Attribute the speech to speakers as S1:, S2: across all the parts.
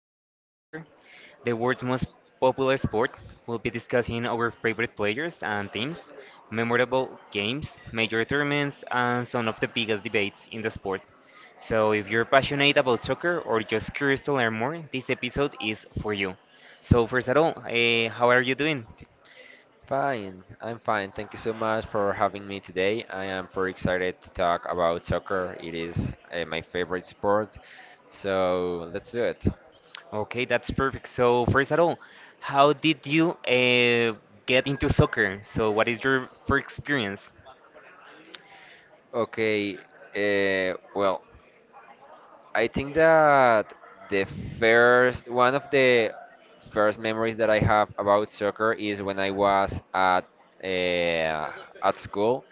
S1: it's all about soccer, the world's most popular sport. We'll be discussing our favorite players and teams, memorable games, major tournaments, and some of the biggest debates in the sport. So, if you're passionate about soccer or just curious to learn more, this episode is for you. So, first of all, how are you doing?
S2: Fine, I'm fine. Thank you so much for having me today. I am pretty excited to talk about soccer. It is my favorite sport. So let's do it.
S1: Okay, that's perfect. So, first of all, how did you get into soccer? So, what is your first experience?
S2: Okay. I think that the first one of the first memories that I have about soccer is when I was uh, at school.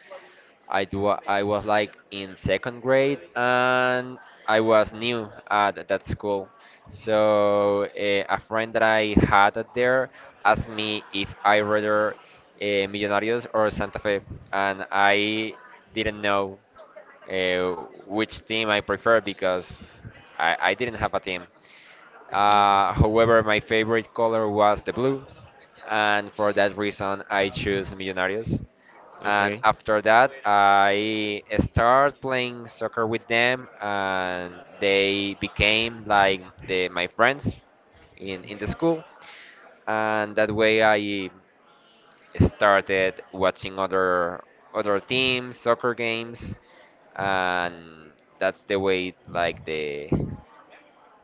S2: I do. I was like in second grade, and I was new at that school. So a friend that I had at there asked me if I rather Millonarios or Santa Fe, and I didn't know which team I prefer because I didn't have a team. However, my favorite color was the blue, and for that reason, I choose Millonarios. And
S1: Okay.
S2: after that, I start playing soccer with them, and they became like my friends in the school. And that way, I started watching other teams, soccer games, and that's the way like the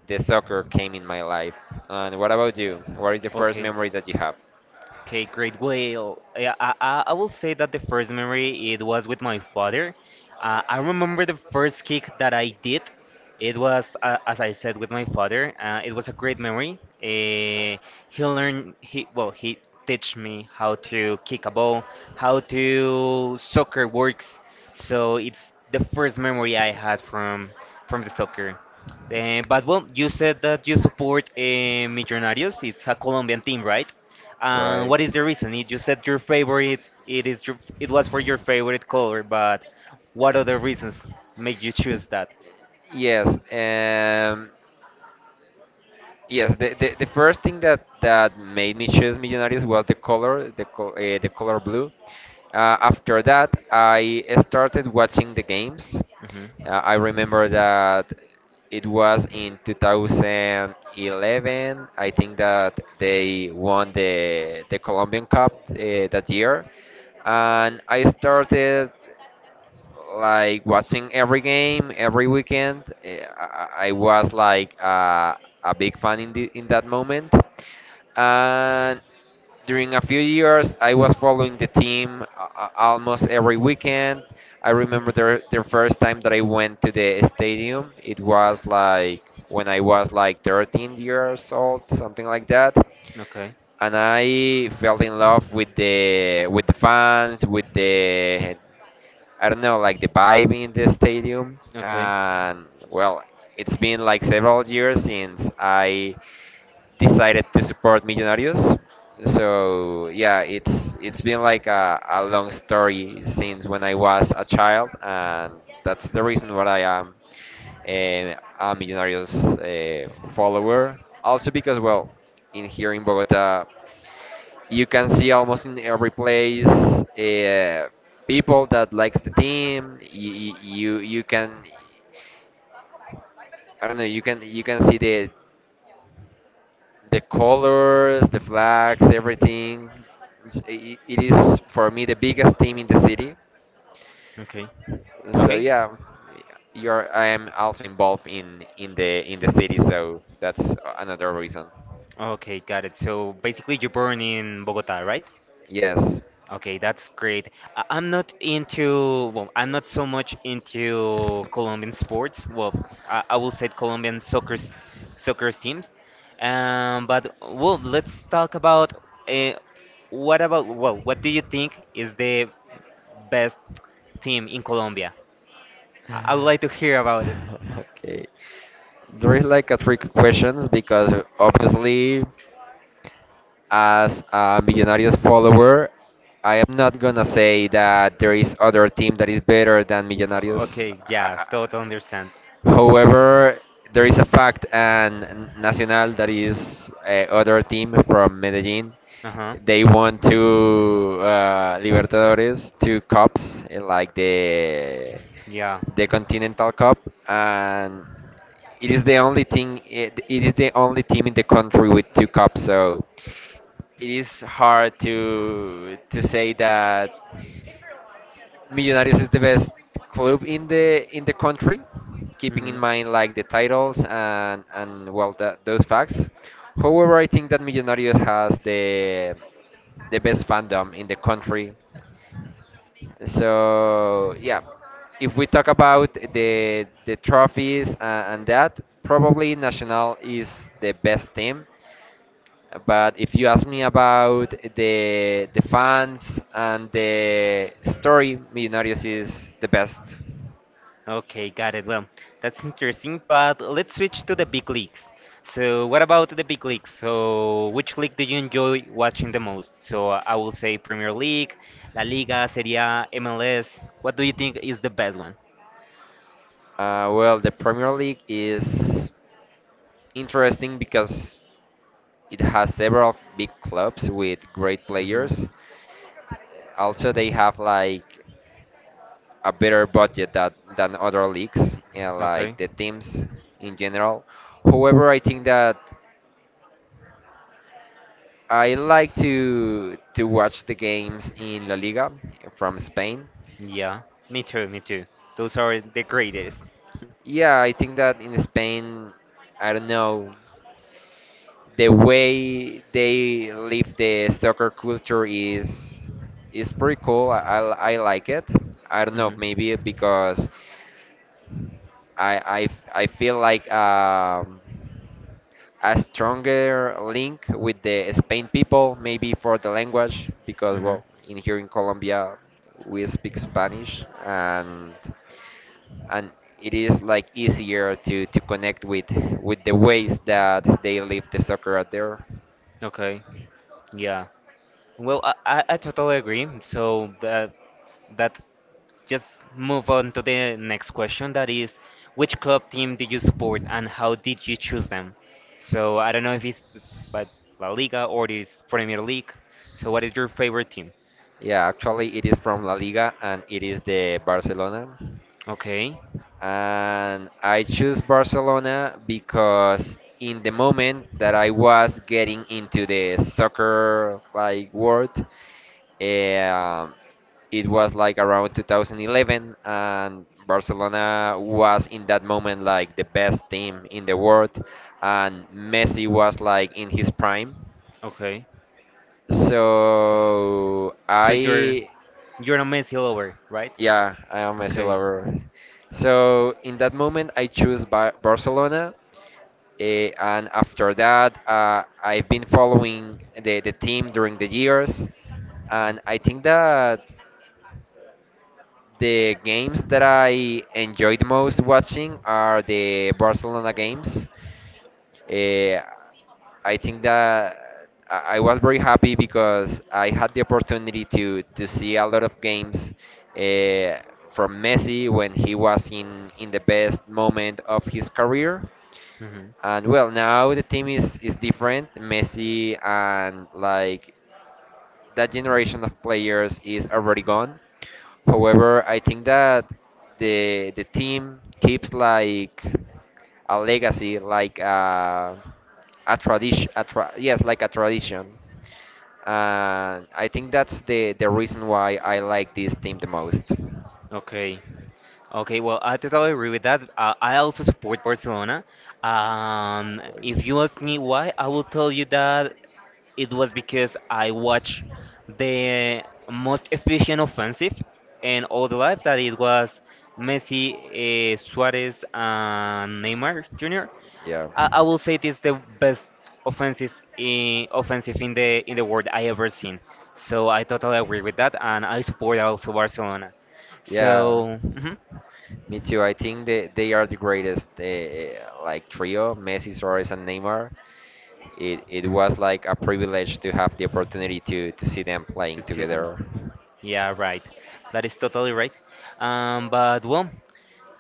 S2: the soccer came in my life. And what about you? What is the first
S1: Okay.
S2: memory that you have?
S1: Okay, great. Well, yeah, I will say that the first memory it was with my father. I remember the first kick that I did. It was, as I said, with my father. It was a great memory. He learned, he well, he teach me how to kick a ball, how to soccer works. So it's the first memory I had from the soccer. But well, you said that you support Millonarios. It's a Colombian team, right? And what is the reason? You just said your favorite. It is your, it was for your favorite color, but what other reasons make you choose that?
S2: Yes. Yes, the first thing that made me choose Millionaires was the color, the color blue. After that, I started watching the games. I
S1: hmm
S2: remember that it was in 2011. I think that they won the Colombian Cup that year, and I started like watching every game every weekend. I was like a big fan in in that moment, and during a few years I was following the team almost every weekend. I remember the first time that I went to the stadium. It was like when I was like 13 years old, something like that.
S1: Okay.
S2: And I fell in love with the fans, with the I don't know, like the vibe in the stadium.
S1: Okay.
S2: And well, it's been like several years since I decided to support Millonarios. So yeah, it's been like a long story since when I was a child, and that's the reason why I am a Millonarios eh, follower. Also because well, in here in Bogota, you can see almost in every place people that likes the team. You can I don't know. You can see the colors, the flags, everything. It is for me the biggest team in the city.
S1: Okay.
S2: So
S1: Okay.
S2: yeah, you're I am also involved in in the city. So that's another reason.
S1: Okay. Got it. So basically, you're born in Bogota, right?
S2: Yes.
S1: Okay, that's great. I- I'm not into, well, I'm not so much into Colombian sports. Well, I will say Colombian soccer, s- soccer teams. But well, let's talk about uh, what about well, what do you think is the best team in Colombia? I, I would like to hear about it.
S2: Okay. There is like a trick questions because obviously, as a Millonarios follower, I am not gonna say that there is other team that is better than
S1: O-
S2: Millonarios.
S1: Okay, yeah, totally understand.
S2: However, there is a fact and Nacional that is a other team from Medellin.
S1: Uh huh.
S2: They won two Libertadores, two cups, eh, like the
S1: Yeah.
S2: the Continental Cup, and it is the only thing. It is the only team in the country with two cups. So it is hard to say that Millonarios is the best club in the country, keeping in
S1: Mm-hmm.
S2: mind like the titles and well that, those facts. However, I think that Millonarios has the best fandom in the country. So yeah, if we talk about the trophies and that, probably Nacional is the best team. But if you ask me about the fans and the story, Millonarios is the best.
S1: Okay, got it. Well, that's interesting, but let's switch to the big leagues. So, what about the big leagues? So, which league do you enjoy watching the most? So, I will say Premier League, La Liga, Serie A, MLS. What do you think is the best one?
S2: Well, the Premier League is interesting because it has several big clubs with great
S1: Mm-hmm.
S2: players. Also, they have like a better budget than other leagues and like
S1: Okay.
S2: the teams in general. However, I think that I like to watch the games in La Liga from Spain.
S1: Yeah, me too. Those are the greatest.
S2: Yeah, I think that in Spain, I don't know, the way they live the soccer culture is pretty cool. I like it. I don't know,
S1: hmm
S2: maybe because I feel like a stronger link with the Spain people, maybe for the language, because
S1: hmm
S2: well, in here in Colombia we speak Spanish and and it is like easier to connect with the ways that they live the soccer out there.
S1: Okay. Yeah. Well, I totally agree. So that that just move on to the next question. That is, which club team do you support and how did you choose them? So I don't know if it's but La Liga or it's Premier League. So what is your favorite team?
S2: Yeah, actually it is from La Liga and it is the Barcelona.
S1: Okay.
S2: And I choose Barcelona because in the moment that I was getting into the soccer like world, Um, it was like around 2011, and Barcelona was in that moment like the best team in the world, and Messi was like in his prime.
S1: Okay.
S2: So
S1: So you're
S2: I,
S1: you're a Messi lover, right?
S2: yeah, I am Messi
S1: Okay.
S2: lover. So in that moment, I choose Barcelona. And after that, I've been following the team during the years, and I think that the games that I enjoy the most watching are the Barcelona games. Eh, I think that I was very happy because I had the opportunity to see a lot of games uh, from Messi when he was in the best moment of his career.
S1: hmm
S2: And well, now the team is different. Messi and like that generation of players is already gone. However, I think that the team keeps like a legacy, like a tradition, yes, like a tradition. And I think that's the reason why I like this team the most.
S1: Okay. Okay, well, I totally agree with that. I also support Barcelona.
S2: Right.
S1: If you ask me why, I will tell you that it was because I watched the most efficient offensive in all the life that it was Messi, Suarez, and Neymar Jr.
S2: Yeah.
S1: I will say this the best offensive in the world I ever seen. So I totally agree with that, and I support also Barcelona.
S2: Yeah.
S1: So. Mhm.
S2: Me too. I think they are the greatest, like trio, Messi, Suarez, and Neymar. It was like a privilege to have the opportunity to see them
S1: to
S2: playing
S1: see them.
S2: together.
S1: Yeah, right. That is totally right. But well,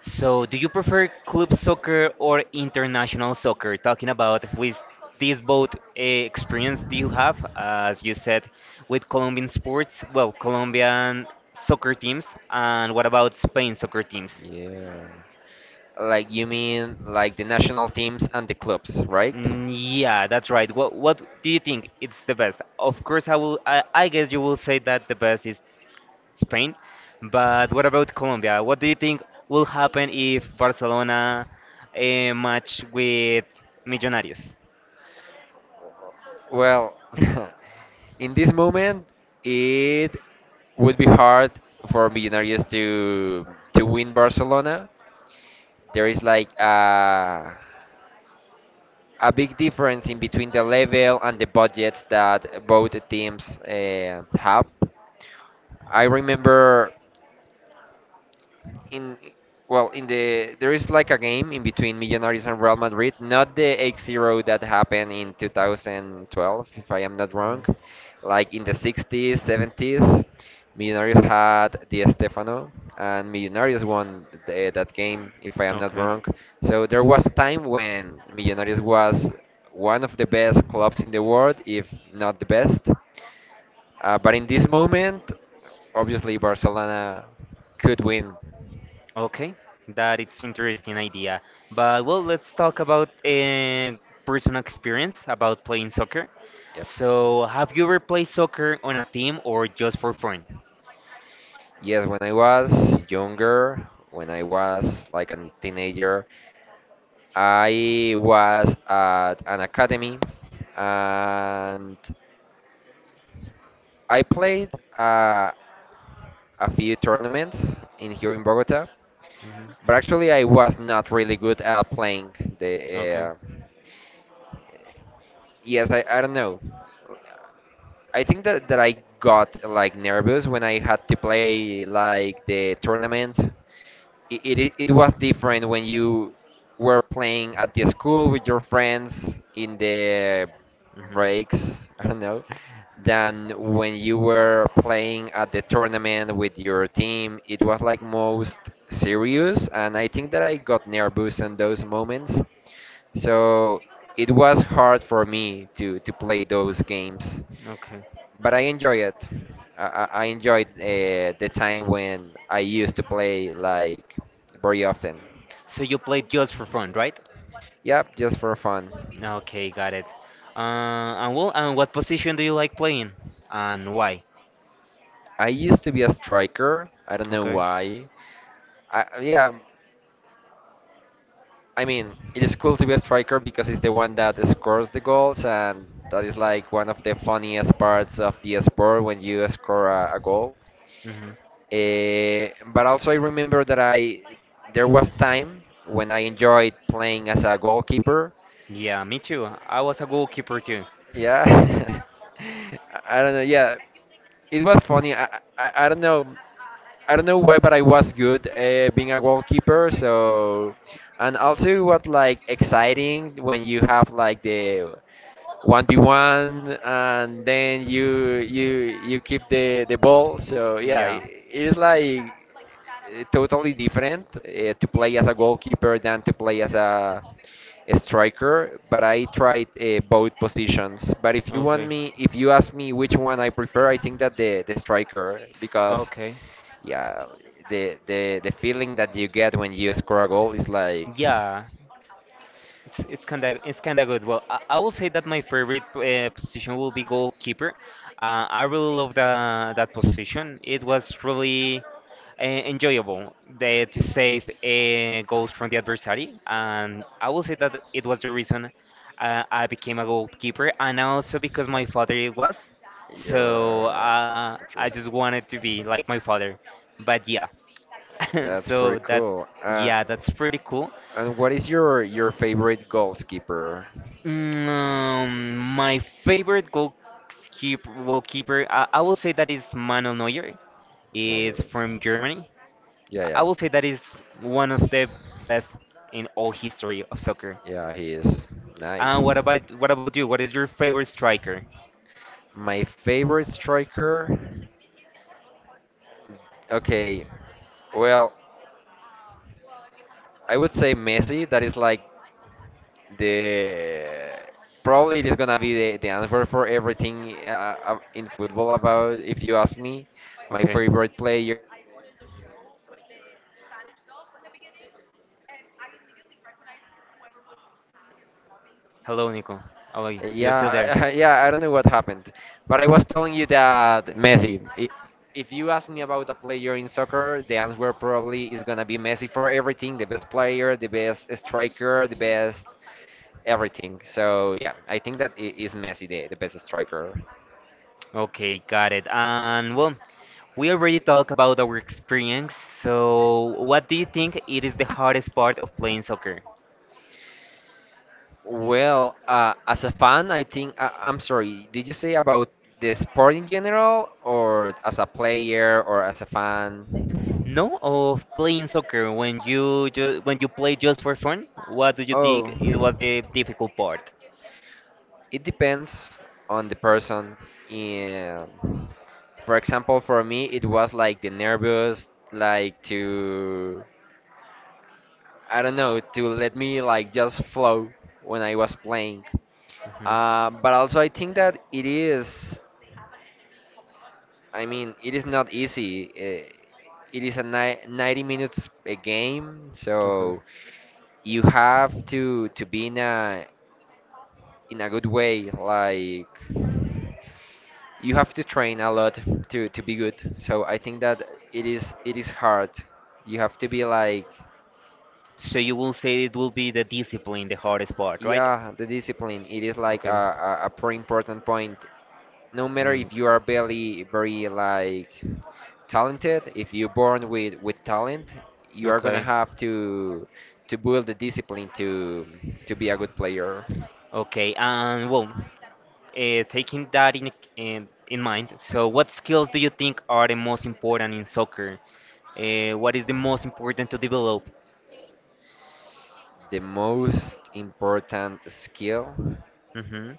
S1: so do you prefer club soccer or international soccer? Talking about with these both experience do you have, as you said, with Colombian sports, well, Colombian soccer teams, and what about Spain soccer teams?
S2: Yeah. Like you mean like the national teams and the clubs, right?
S1: Mm, yeah, that's right. What do you think it's the best? Of course, I will. I guess you will say that the best is Spain, but what about Colombia? What do you think will happen if Barcelona match with Millonarios?
S2: Well, in this moment, it would be hard for Millonarios to win Barcelona. There is like a big difference in between the level and the budgets that both teams have. I remember in well in the there is like a game in between Millonarios and Real Madrid, not the 8-0 that happened in 2012, if I am not
S1: Mhm.
S2: wrong. Like in the 60s, 70s, Millonarios had Di Stefano, and Millonarios won that game, if I am not
S1: Okay.
S2: wrong. So there was a time when Millonarios was one of the best clubs in the world, if not the best. But in this moment, obviously Barcelona could win.
S1: Okay, that it's interesting idea. But well, let's talk about personal experience about playing soccer.
S2: Yep.
S1: So, have you ever played soccer on a team or just for fun?
S2: Yes, when I was younger, when I was like a teenager, I was at an academy and I played uh, a few tournaments in here in Bogota.
S1: hmm
S2: But actually, I was not really good at playing the
S1: Okay.
S2: yes, I don't know. I think that I got like nervous when I had to play like the tournaments. It was different when you were playing at the school with your friends in the
S1: hmm
S2: breaks, I don't know, than when you were playing at the tournament with your team. It was like most serious, and I think that I got nervous in those moments. So it was hard for me to play those games,
S1: Okay.
S2: but I enjoy it. I enjoyed the time when I used to play like very often.
S1: So you played just for fun, right?
S2: Yep, just for fun.
S1: Okay, got it. And well, and what position do you like playing, and why?
S2: I used to be a striker. I don't know
S1: Okay.
S2: why. Yeah, I mean, it is cool to be a striker because it's the one that scores the goals, and that is like one of the funniest parts of the sport when you score a goal.
S1: hmm
S2: But also, I remember that I there was time when I enjoyed playing as a goalkeeper.
S1: Yeah, me too. I was a goalkeeper too.
S2: Yeah. I don't know. Yeah, it was funny. I don't know. I don't know why, but I was good being a goalkeeper. So, and also it was like exciting when you have like the one v one, and then you keep the ball. So yeah, I
S1: Yeah.
S2: it is like totally different to play as a goalkeeper than to play as a striker. But I tried both positions. But
S1: Okay.
S2: if you ask me which one I prefer, I think that the striker because
S1: Okay.
S2: yeah, the feeling that you get when you score a goal is like
S1: Yeah. It's kind of good. Well, I will say that my favorite position will be goalkeeper. I really love the, that position. It was really enjoyable the, to save goals from the adversary, and I will say that it was the reason I became a goalkeeper, and also because my father it was. So
S2: you're
S1: I just
S2: interesting.
S1: wanted to be like my father. But yeah,
S2: That's
S1: so
S2: pretty
S1: that
S2: cool.
S1: yeah, that's pretty cool.
S2: And what is your favorite goalkeeper?
S1: My favorite goalkeeper, I will say that is Manuel Neuer.
S2: No,
S1: It's
S2: your
S1: from Germany.
S2: yeah,
S1: I will say that is one of the best in all history of soccer.
S2: yeah. He is
S1: And
S2: nice.
S1: what about you? What is your favorite striker?
S2: My favorite striker. Okay, well, I would say Messi. That is like the probably it is gonna be the answer for everything in football about if you ask me. My
S1: Okay.
S2: favorite player.
S1: Hello, Nico. How are you? You're still there?
S2: Yeah, yeah, I don't know what happened, but I was telling you that Messi. If you ask me about a player in soccer, the answer probably is gonna be Messi for everything, the best player, the best striker, the best everything. So yeah, I think that is Messi the best striker.
S1: Okay, got it. And well, we already talked about our experience, so what do you think it is the hardest part of playing soccer?
S2: Well, as a fan, I think I'm sorry. Did you say about the sport in general, or as a player, or as a fan?
S1: No, of playing soccer when you ju when you play just for fun, what do you think
S2: Oh.
S1: it was the difficult part?
S2: It depends on the person. Yeah. For example, for me, it was like the nervous, like to, I don't know, to let me like just flow when I was playing.
S1: Mhm.
S2: But also, I think that it is, I mean, it is not easy. It is a ni 90 minutes a game, so
S1: Okay.
S2: you have to be in a good way, like. You have to train a lot to be good. So I think that it is hard. You have to be like,
S1: So you will say it will be the discipline, the hardest part, right?
S2: yeah, the discipline. It is like
S1: Okay.
S2: a pretty important point. No matter
S1: Mm.
S2: if you are very like talented, if you're born with talent, you are gonna
S1: Okay.
S2: have to build the discipline to be a good player.
S1: Okay, and well, taking that in mind, so what skills do you think are the most important in soccer? What is the most important to develop?
S2: The most important skill.
S1: hmm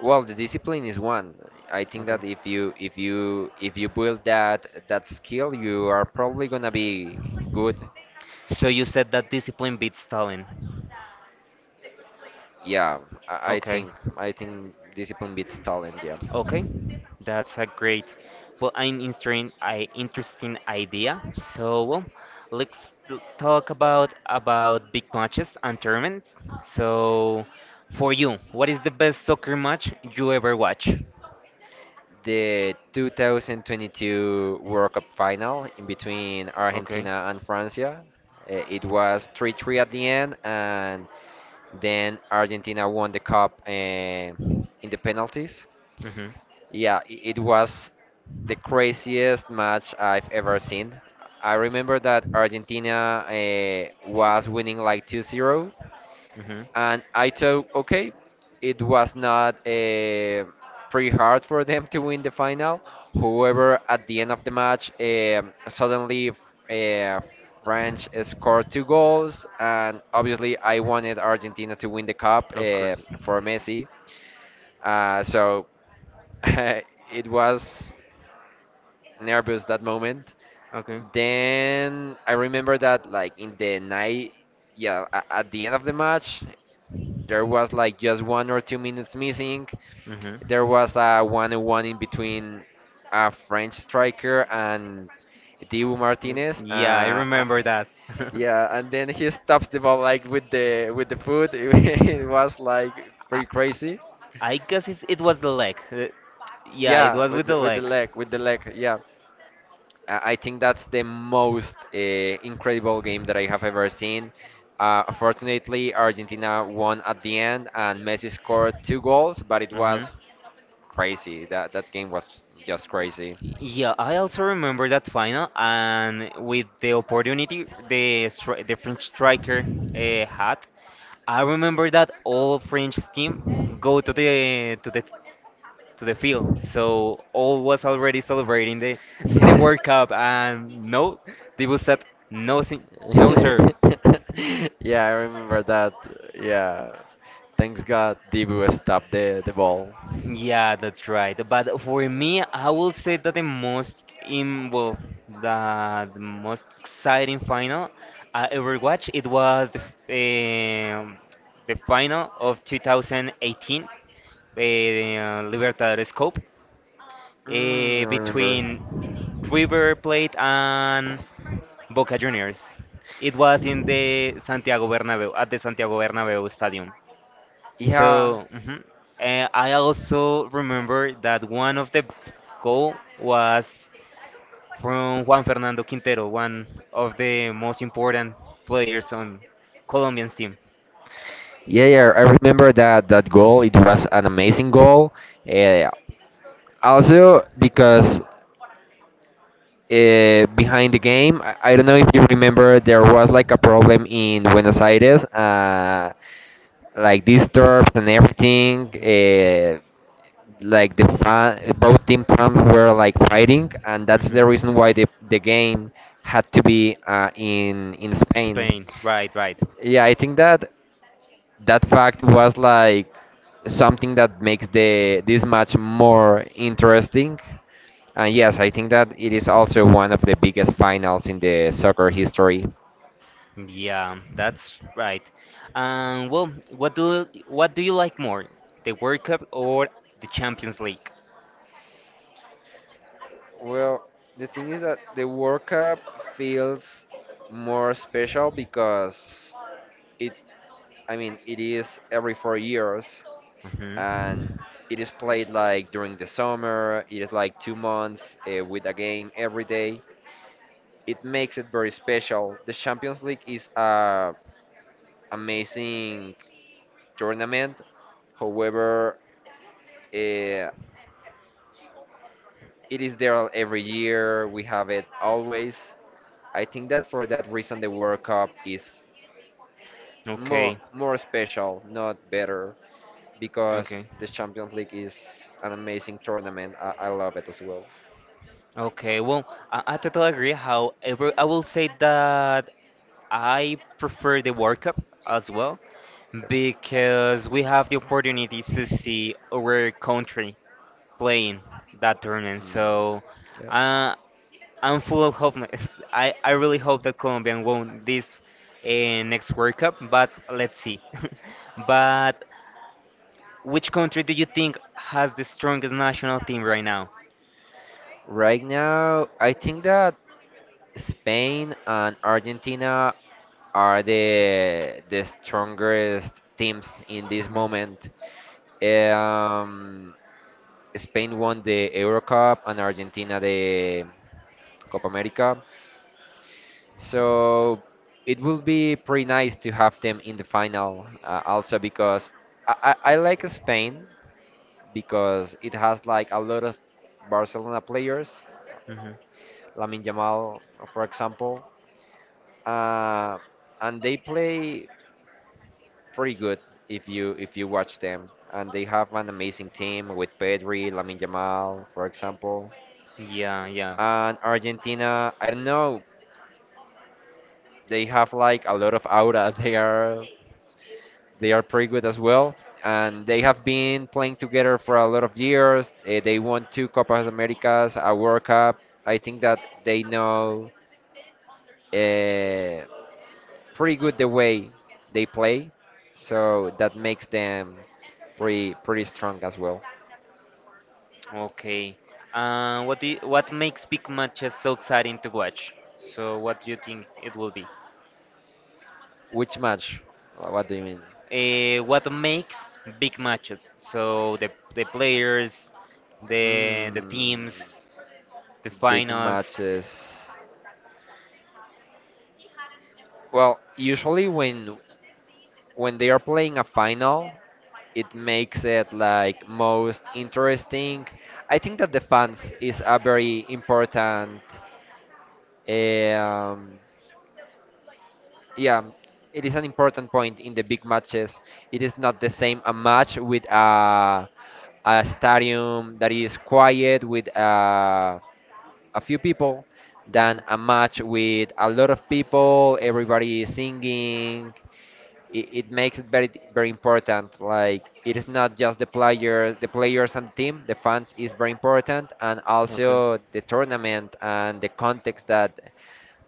S2: Well, the discipline is one. I think
S1: Okay.
S2: that if you build that skill, you are probably gonna be good.
S1: So you said that discipline beats talent.
S2: Yeah, I
S1: Okay.
S2: think I think discipline beats talent. Yeah.
S1: Okay, that's a great, well, an interesting, I interesting idea. So, well, let's t- talk about big matches and tournaments. So, for you, what is the best soccer match you ever watch?
S2: The 2022 World Cup final in between
S1: Okay.
S2: Argentina and France. It was 3-3 at the end, and then Argentina won the cup in the penalties.
S1: Mm-hmm.
S2: Yeah, it was the craziest match I've ever seen. I remember that Argentina was winning like 2-0,
S1: hmm
S2: and I thought, okay, it was not pretty hard for them to win the final. However, at the end of the match, suddenly uh, French scored two goals, and obviously I wanted Argentina to win the cup
S1: Of course.
S2: for Messi. So it was nervous that moment.
S1: Okay.
S2: Then I remember that like in the night, yeah, at the end of the match, there was like just 1 or 2 minutes missing.
S1: hmm
S2: There was a one-on-one in between a French striker and Dibu
S1: Mm,
S2: Martinez.
S1: Yeah, I remember that.
S2: Yeah, and then he stops the ball like with the foot. It was like
S1: I,
S2: pretty crazy.
S1: I guess it's, it was the leg. Yeah, it
S2: Yeah,
S1: was with the
S2: with the
S1: leg.
S2: leg, with the leg. Yeah, I think that's the most incredible game that I have ever seen. Fortunately, Argentina won at the end, and Messi scored two goals. But it
S1: hmm
S2: was crazy. That game was just crazy.
S1: Yeah, I also remember that final, and with the opportunity the stri- the French striker had, I remember that all French team go to the field, so all was already celebrating the the
S2: Yeah.
S1: World Cup, and no, they was said no, si- no sir,
S2: Yeah, I remember that. Yeah. Thanks God Dibu stopped the ball.
S1: Yeah, that's right. But for me, I will say that the most in well, the most exciting final I ever watched it was the the final of 2018, Libertadores Cup,
S2: Mm, I
S1: between
S2: remember.
S1: River Plate and Boca Juniors. It was in the Santiago Bernabeu at the Santiago Bernabeu Stadium.
S2: Yeah.
S1: So, mhm. And I also remember that one of the goal was from Juan Fernando Quintero, one of the most important players on Colombian's team.
S2: Yeah, yeah, I remember that that goal. It was an amazing goal. Uh, Also, because behind the game, I don't know if you remember, there was like a problem in Buenos Aires, like disturbed and everything.
S1: Mhm.
S2: Like the fan both team fans were like fighting, and that's
S1: Mhm.
S2: the reason why the game had to be in Spain.
S1: Spain, right, right.
S2: Yeah, I think that that fact was like something that makes the this match more interesting, and yes, I think that it is also one of the biggest finals in the soccer history.
S1: Yeah, that's right. Well, what do you like more, the World Cup or the Champions League?
S2: Well, the thing is that the World Cup feels more special because it I mean, it is every 4 years, and
S1: Mhm.
S2: it is played like during the summer. It is like 2 months with a game every day. It makes it very special. The Champions League is a amazing tournament. However, uh, it is there every year. We have it always. I think that for that reason, the World Cup is more
S1: Okay,
S2: more special, not better, because
S1: okay.
S2: the Champions League is an amazing tournament. I love it as well.
S1: Okay, well, I totally agree. However, I will say that I prefer the World Cup as well
S2: Yep.
S1: because we have the opportunity to see our country playing that tournament.
S2: Mm,
S1: So
S2: yeah.
S1: uh, I'm full of hope. I really hope that Colombia won this next World Cup, but let's see. but which country do you think has the strongest national team right now?
S2: Right now, I think that Spain and Argentina are the strongest teams in this
S1: Mhm,
S2: moment. Um, Spain won the Euro Cup and Argentina the Copa America, so it will be pretty nice to have them in the final. Also because I, I like Spain because it has like a lot of Barcelona players,
S1: mhm.
S2: Lamine Yamal, for example, uh, and they play pretty good if you watch them. And they have an amazing team with Pedri, Lamine Yamal, for example.
S1: Yeah, yeah.
S2: And Argentina, I don't know, they have like a lot of aura. They are pretty good as well. And they have been playing together for a lot of years. They won two Copas Americas, a World Cup. I think that they know uh, pretty good the way they play, so that makes them pretty strong as well.
S1: Okay. What makes big matches so exciting to watch? So what do you think it will be?
S2: Which match? What do you mean?
S1: What makes big matches? So the players, the
S2: Mm,
S1: teams, the
S2: big
S1: finals.
S2: matches. Well, usually when they are playing a final, it makes it like most interesting. I think that the fans is a very important um, yeah, it is an important point in the big matches. It is not the same a match with a stadium that is quiet with a few people than a match with a lot of people, everybody is singing. It makes it very
S1: Mhm.
S2: important. Like it is not just the players and the team, the fans is very important, and
S1: Okay.
S2: also the tournament and the context that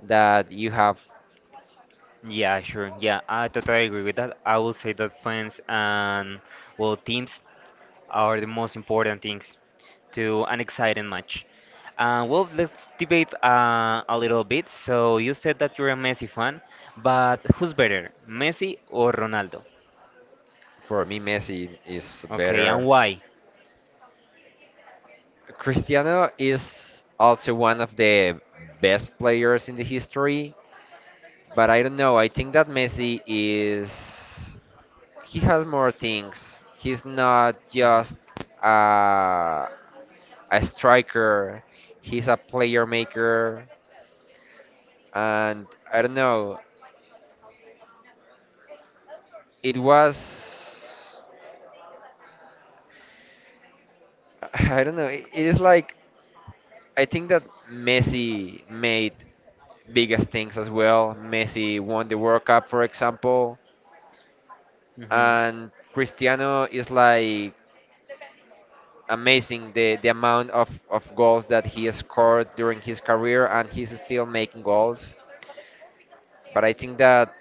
S2: that you have.
S1: Yeah, sure. Yeah, I totally agree with that. I will say that fans and well teams are the most important things to an exciting match. Well, let's debate a little bit. So you said that you're a Messi fan, but who's better, Messi or Ronaldo?
S2: For me, Messi is
S1: Okay, and
S2: better.
S1: why?
S2: Cristiano is also one of the best players in the history, but I don't know. I think that Messi is. He has more things. He's not just
S1: Mhm.
S2: a, a striker, he's a player maker. And I don't know. It was. I don't know. It is like. I think that Messi made biggest things as well. Messi won the World Cup, for example,
S1: hmm
S2: and Cristiano is like amazing the amount of goals that he has scored during his career, and he's still making goals. But I think that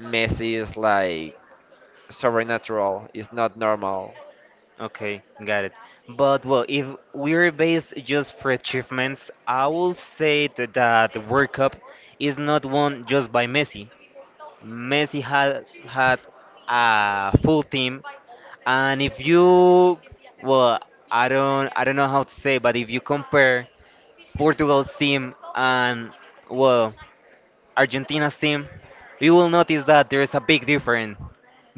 S2: Messi is like supernatural, is not normal.
S1: Okay, got it. But well, if we're based just for achievements, I will say that the World Cup is not won just by Messi. Messi had a full team, and if you, well, I don't know how to say, but if you compare Portugal's team and well Argentina's team, you will notice that there is a big difference.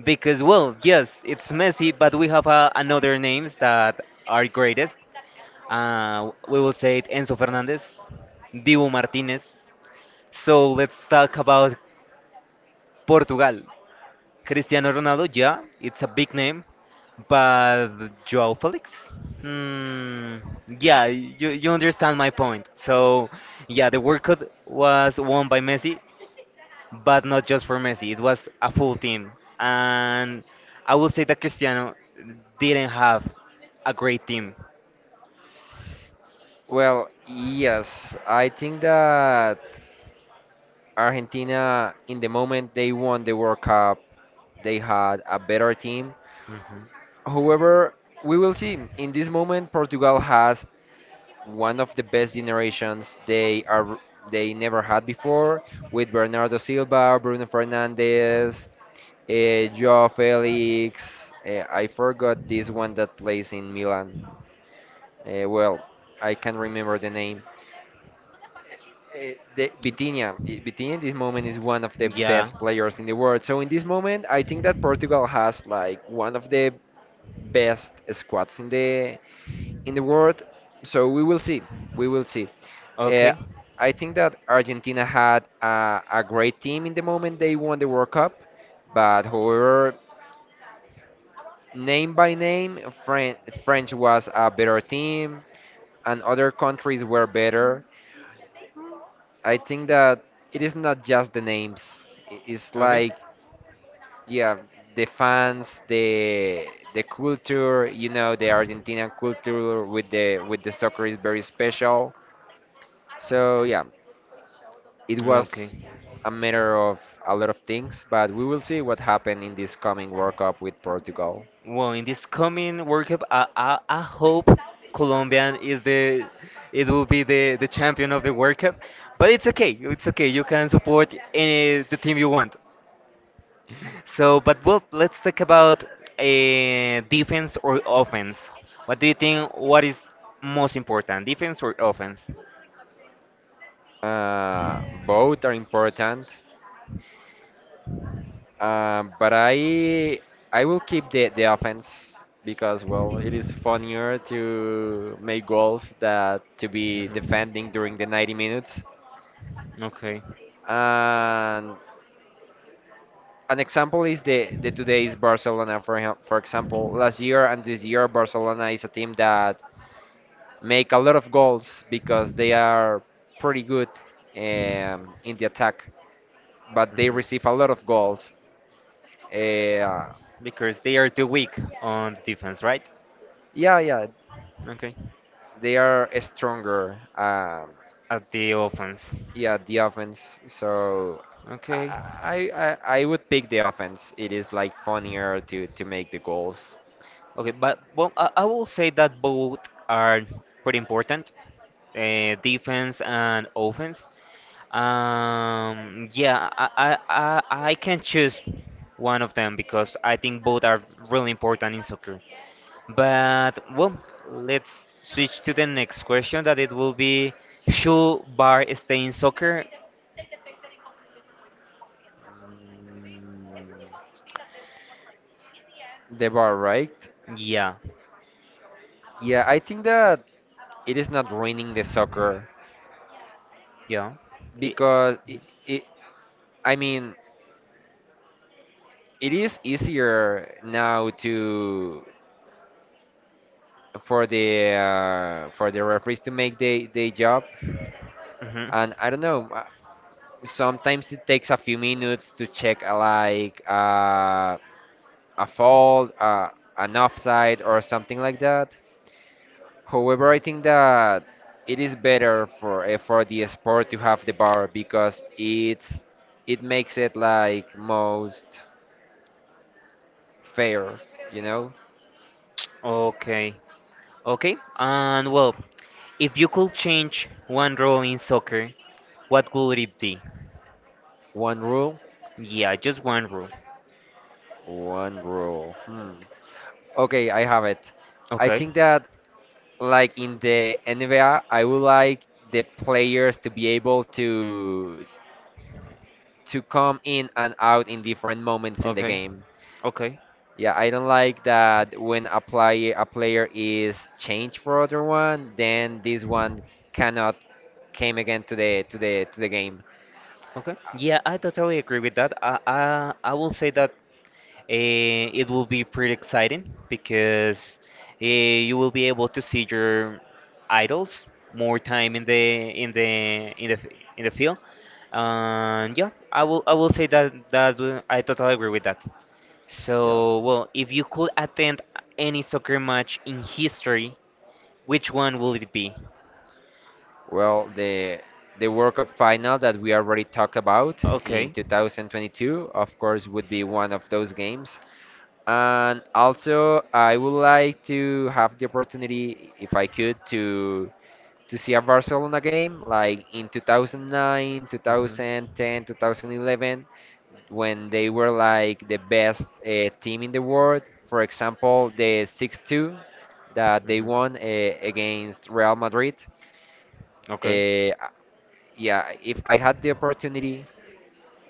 S1: Because well, yes, it's Messi, but we have another names that are greatest. We will say it Enzo Fernandez, Dibu Martinez. So let's talk about Portugal. Cristiano Ronaldo, yeah, it's a big name, but Joao Felix? Hmm, yeah, you understand my point. So, yeah, the World Cup was won by Messi, but not just for Messi, it was a full team. And I would say that Cristiano didn't have a great team.
S2: Well, yes, I think that Argentina, in the moment they won the World Cup, they had a better team.
S1: Mhm.
S2: However, we will see. In this moment, Portugal has one of the best generations they are they never had before, with Bernardo Silva, Bruno Fernandes, João Felix. I forgot this one that plays in Milan. Well, I can't remember the name. The, Vitinha, Vitinha in this moment is one of the
S1: Yeah.
S2: best players in the world. So in this moment, I think that Portugal has like one of the best squads in the world. So we will see. We will see. Uh,
S1: Okay.
S2: I think that Argentina had a great team in the moment they won the World Cup, but however, name by name, French was a better team, and other countries were better. I think that it is not just the names. It's
S1: Okay.
S2: like yeah, the fans, the culture, you know, the Argentinian culture with the soccer is very special. So yeah, it
S1: Okay.
S2: was a matter of a lot of things, but we will see what happened in this coming World Cup with Portugal.
S1: Well, in this coming World Cup, I hope Colombia is the it will be the champion of the World Cup. But it's okay. It's okay. You can support any the team you want. So, but well, let's talk about defense or offense. What do you think? What is most important, defense or offense?
S2: Uh, Both
S1: Mhm.
S2: are important, but I will keep the offense because well, it is funnier to make goals that to be defending during the 90 minutes.
S1: Okay.
S2: And an example is the today's Barcelona for for example. Last year and this year, Barcelona is a team that make a lot of goals because they are pretty good in the attack, but they receive
S1: Mhm.
S2: a lot of goals. Uh,
S1: Because they are too weak on the defense, right?
S2: yeah, yeah,
S1: Okay.
S2: they are stronger.
S1: At the offense.
S2: Yeah, the offense. So
S1: Okay.
S2: I, I I would pick the offense. It is like funnier to make the goals.
S1: Okay, but well, I will say that both are pretty important, defense and offense. Yeah, I can choose one of them because I think both are really important in soccer. But well, let's switch to the next question that it will be should Bar stay in soccer?
S2: Mm, the bar, right?
S1: Yeah.
S2: Yeah, I think that it is not ruining the soccer
S1: Yeah. It,
S2: because I mean it is easier now to for the referees to make the job,
S1: Mhm.
S2: and I don't know, sometimes it takes a few minutes to check like a fault, an offside or something like that. However, I think that it is better for the sport to have the bar because it's it makes it like most fair, you know.
S1: Okay. Okay. And well, if you could change one rule in soccer, what would it be?
S2: One rule.
S1: Yeah, just one rule.
S2: One rule. Hmm. Okay, I have it. I
S1: Okay.
S2: think that like in the NBA, I would like the players to be able to come in and out in different moments in the
S1: Okay.
S2: game.
S1: Okay.
S2: Yeah, I don't like that when a player is changed for other one, then this one cannot came again to the to the game.
S1: Okay. Yeah, I totally agree with that. I will say that Eh, it will be pretty exciting because you will be able to see your idols more time in in the f- in the field. And yeah, I will say that that I totally agree with that. So,
S2: Yeah.
S1: well, if you could attend any soccer match in history, which one will it be?
S2: Well, the World Cup final that we already talked about in
S1: Okay.
S2: 2022, of course, would be one of those games. And also, I would like to have the opportunity, if I could, to see a Barcelona game like in 2009,
S1: Mhm.
S2: 2010, 2011, when they were like the best team in the world. For example, the 6-2 that they
S1: Mhm.
S2: won against Real Madrid.
S1: Okay.
S2: Uh, yeah, if I had the opportunity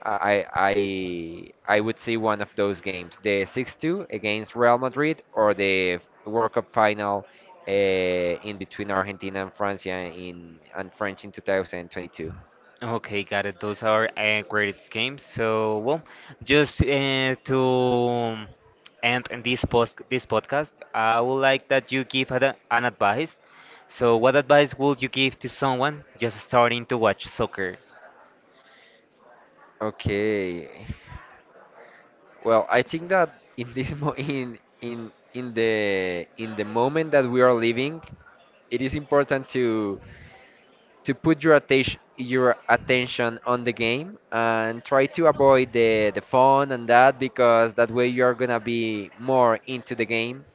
S2: I would see one of those games, the 6-2 against Real Madrid or the World Cup final in between Argentina and France, yeah, in and French in 2022.
S1: Okay, got it. Those are great games. So, well, just to end this podcast, I would like that you give an advice. So, what advice would you give to someone just starting to watch soccer?
S2: Okay. Well, I think that in this mo in the moment that we are living, it is important to put your attention on the game and try to avoid the phone and that because that way you're gonna be more into the game.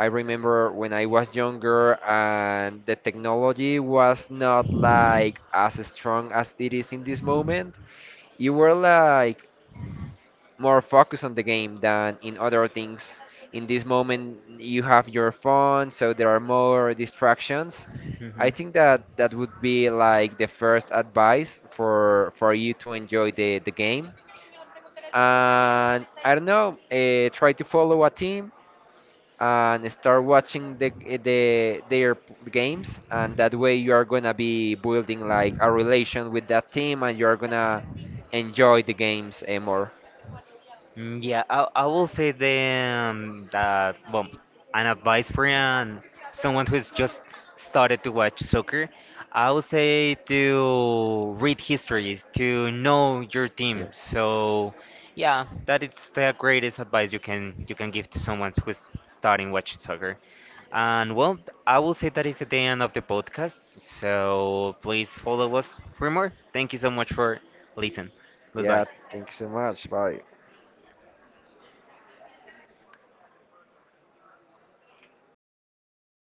S2: I remember when I was younger and the technology was not like as strong as it is in this moment. You were like more focused on the game than in other things. In this moment, you have your phone, so there are more distractions.
S1: hmm
S2: I think that that would be like the first advice for you to enjoy the game. And I don't know, try to follow a team and start watching the their games, and that way you are gonna be building like a relation with that team, and you are gonna enjoy the games more.
S1: Mm, Yeah, I will say then that, well, an advice for an, someone who's just started to watch soccer, I would say to read histories, to know your
S2: Yeah.
S1: team. So, yeah, that is the greatest advice you can give to someone who's starting watching soccer. And well, I will say that is the end of the podcast. So please follow us for more. Thank you so much for listening.
S2: Yeah,
S1: Goodbye.
S2: thank you so much. Bye.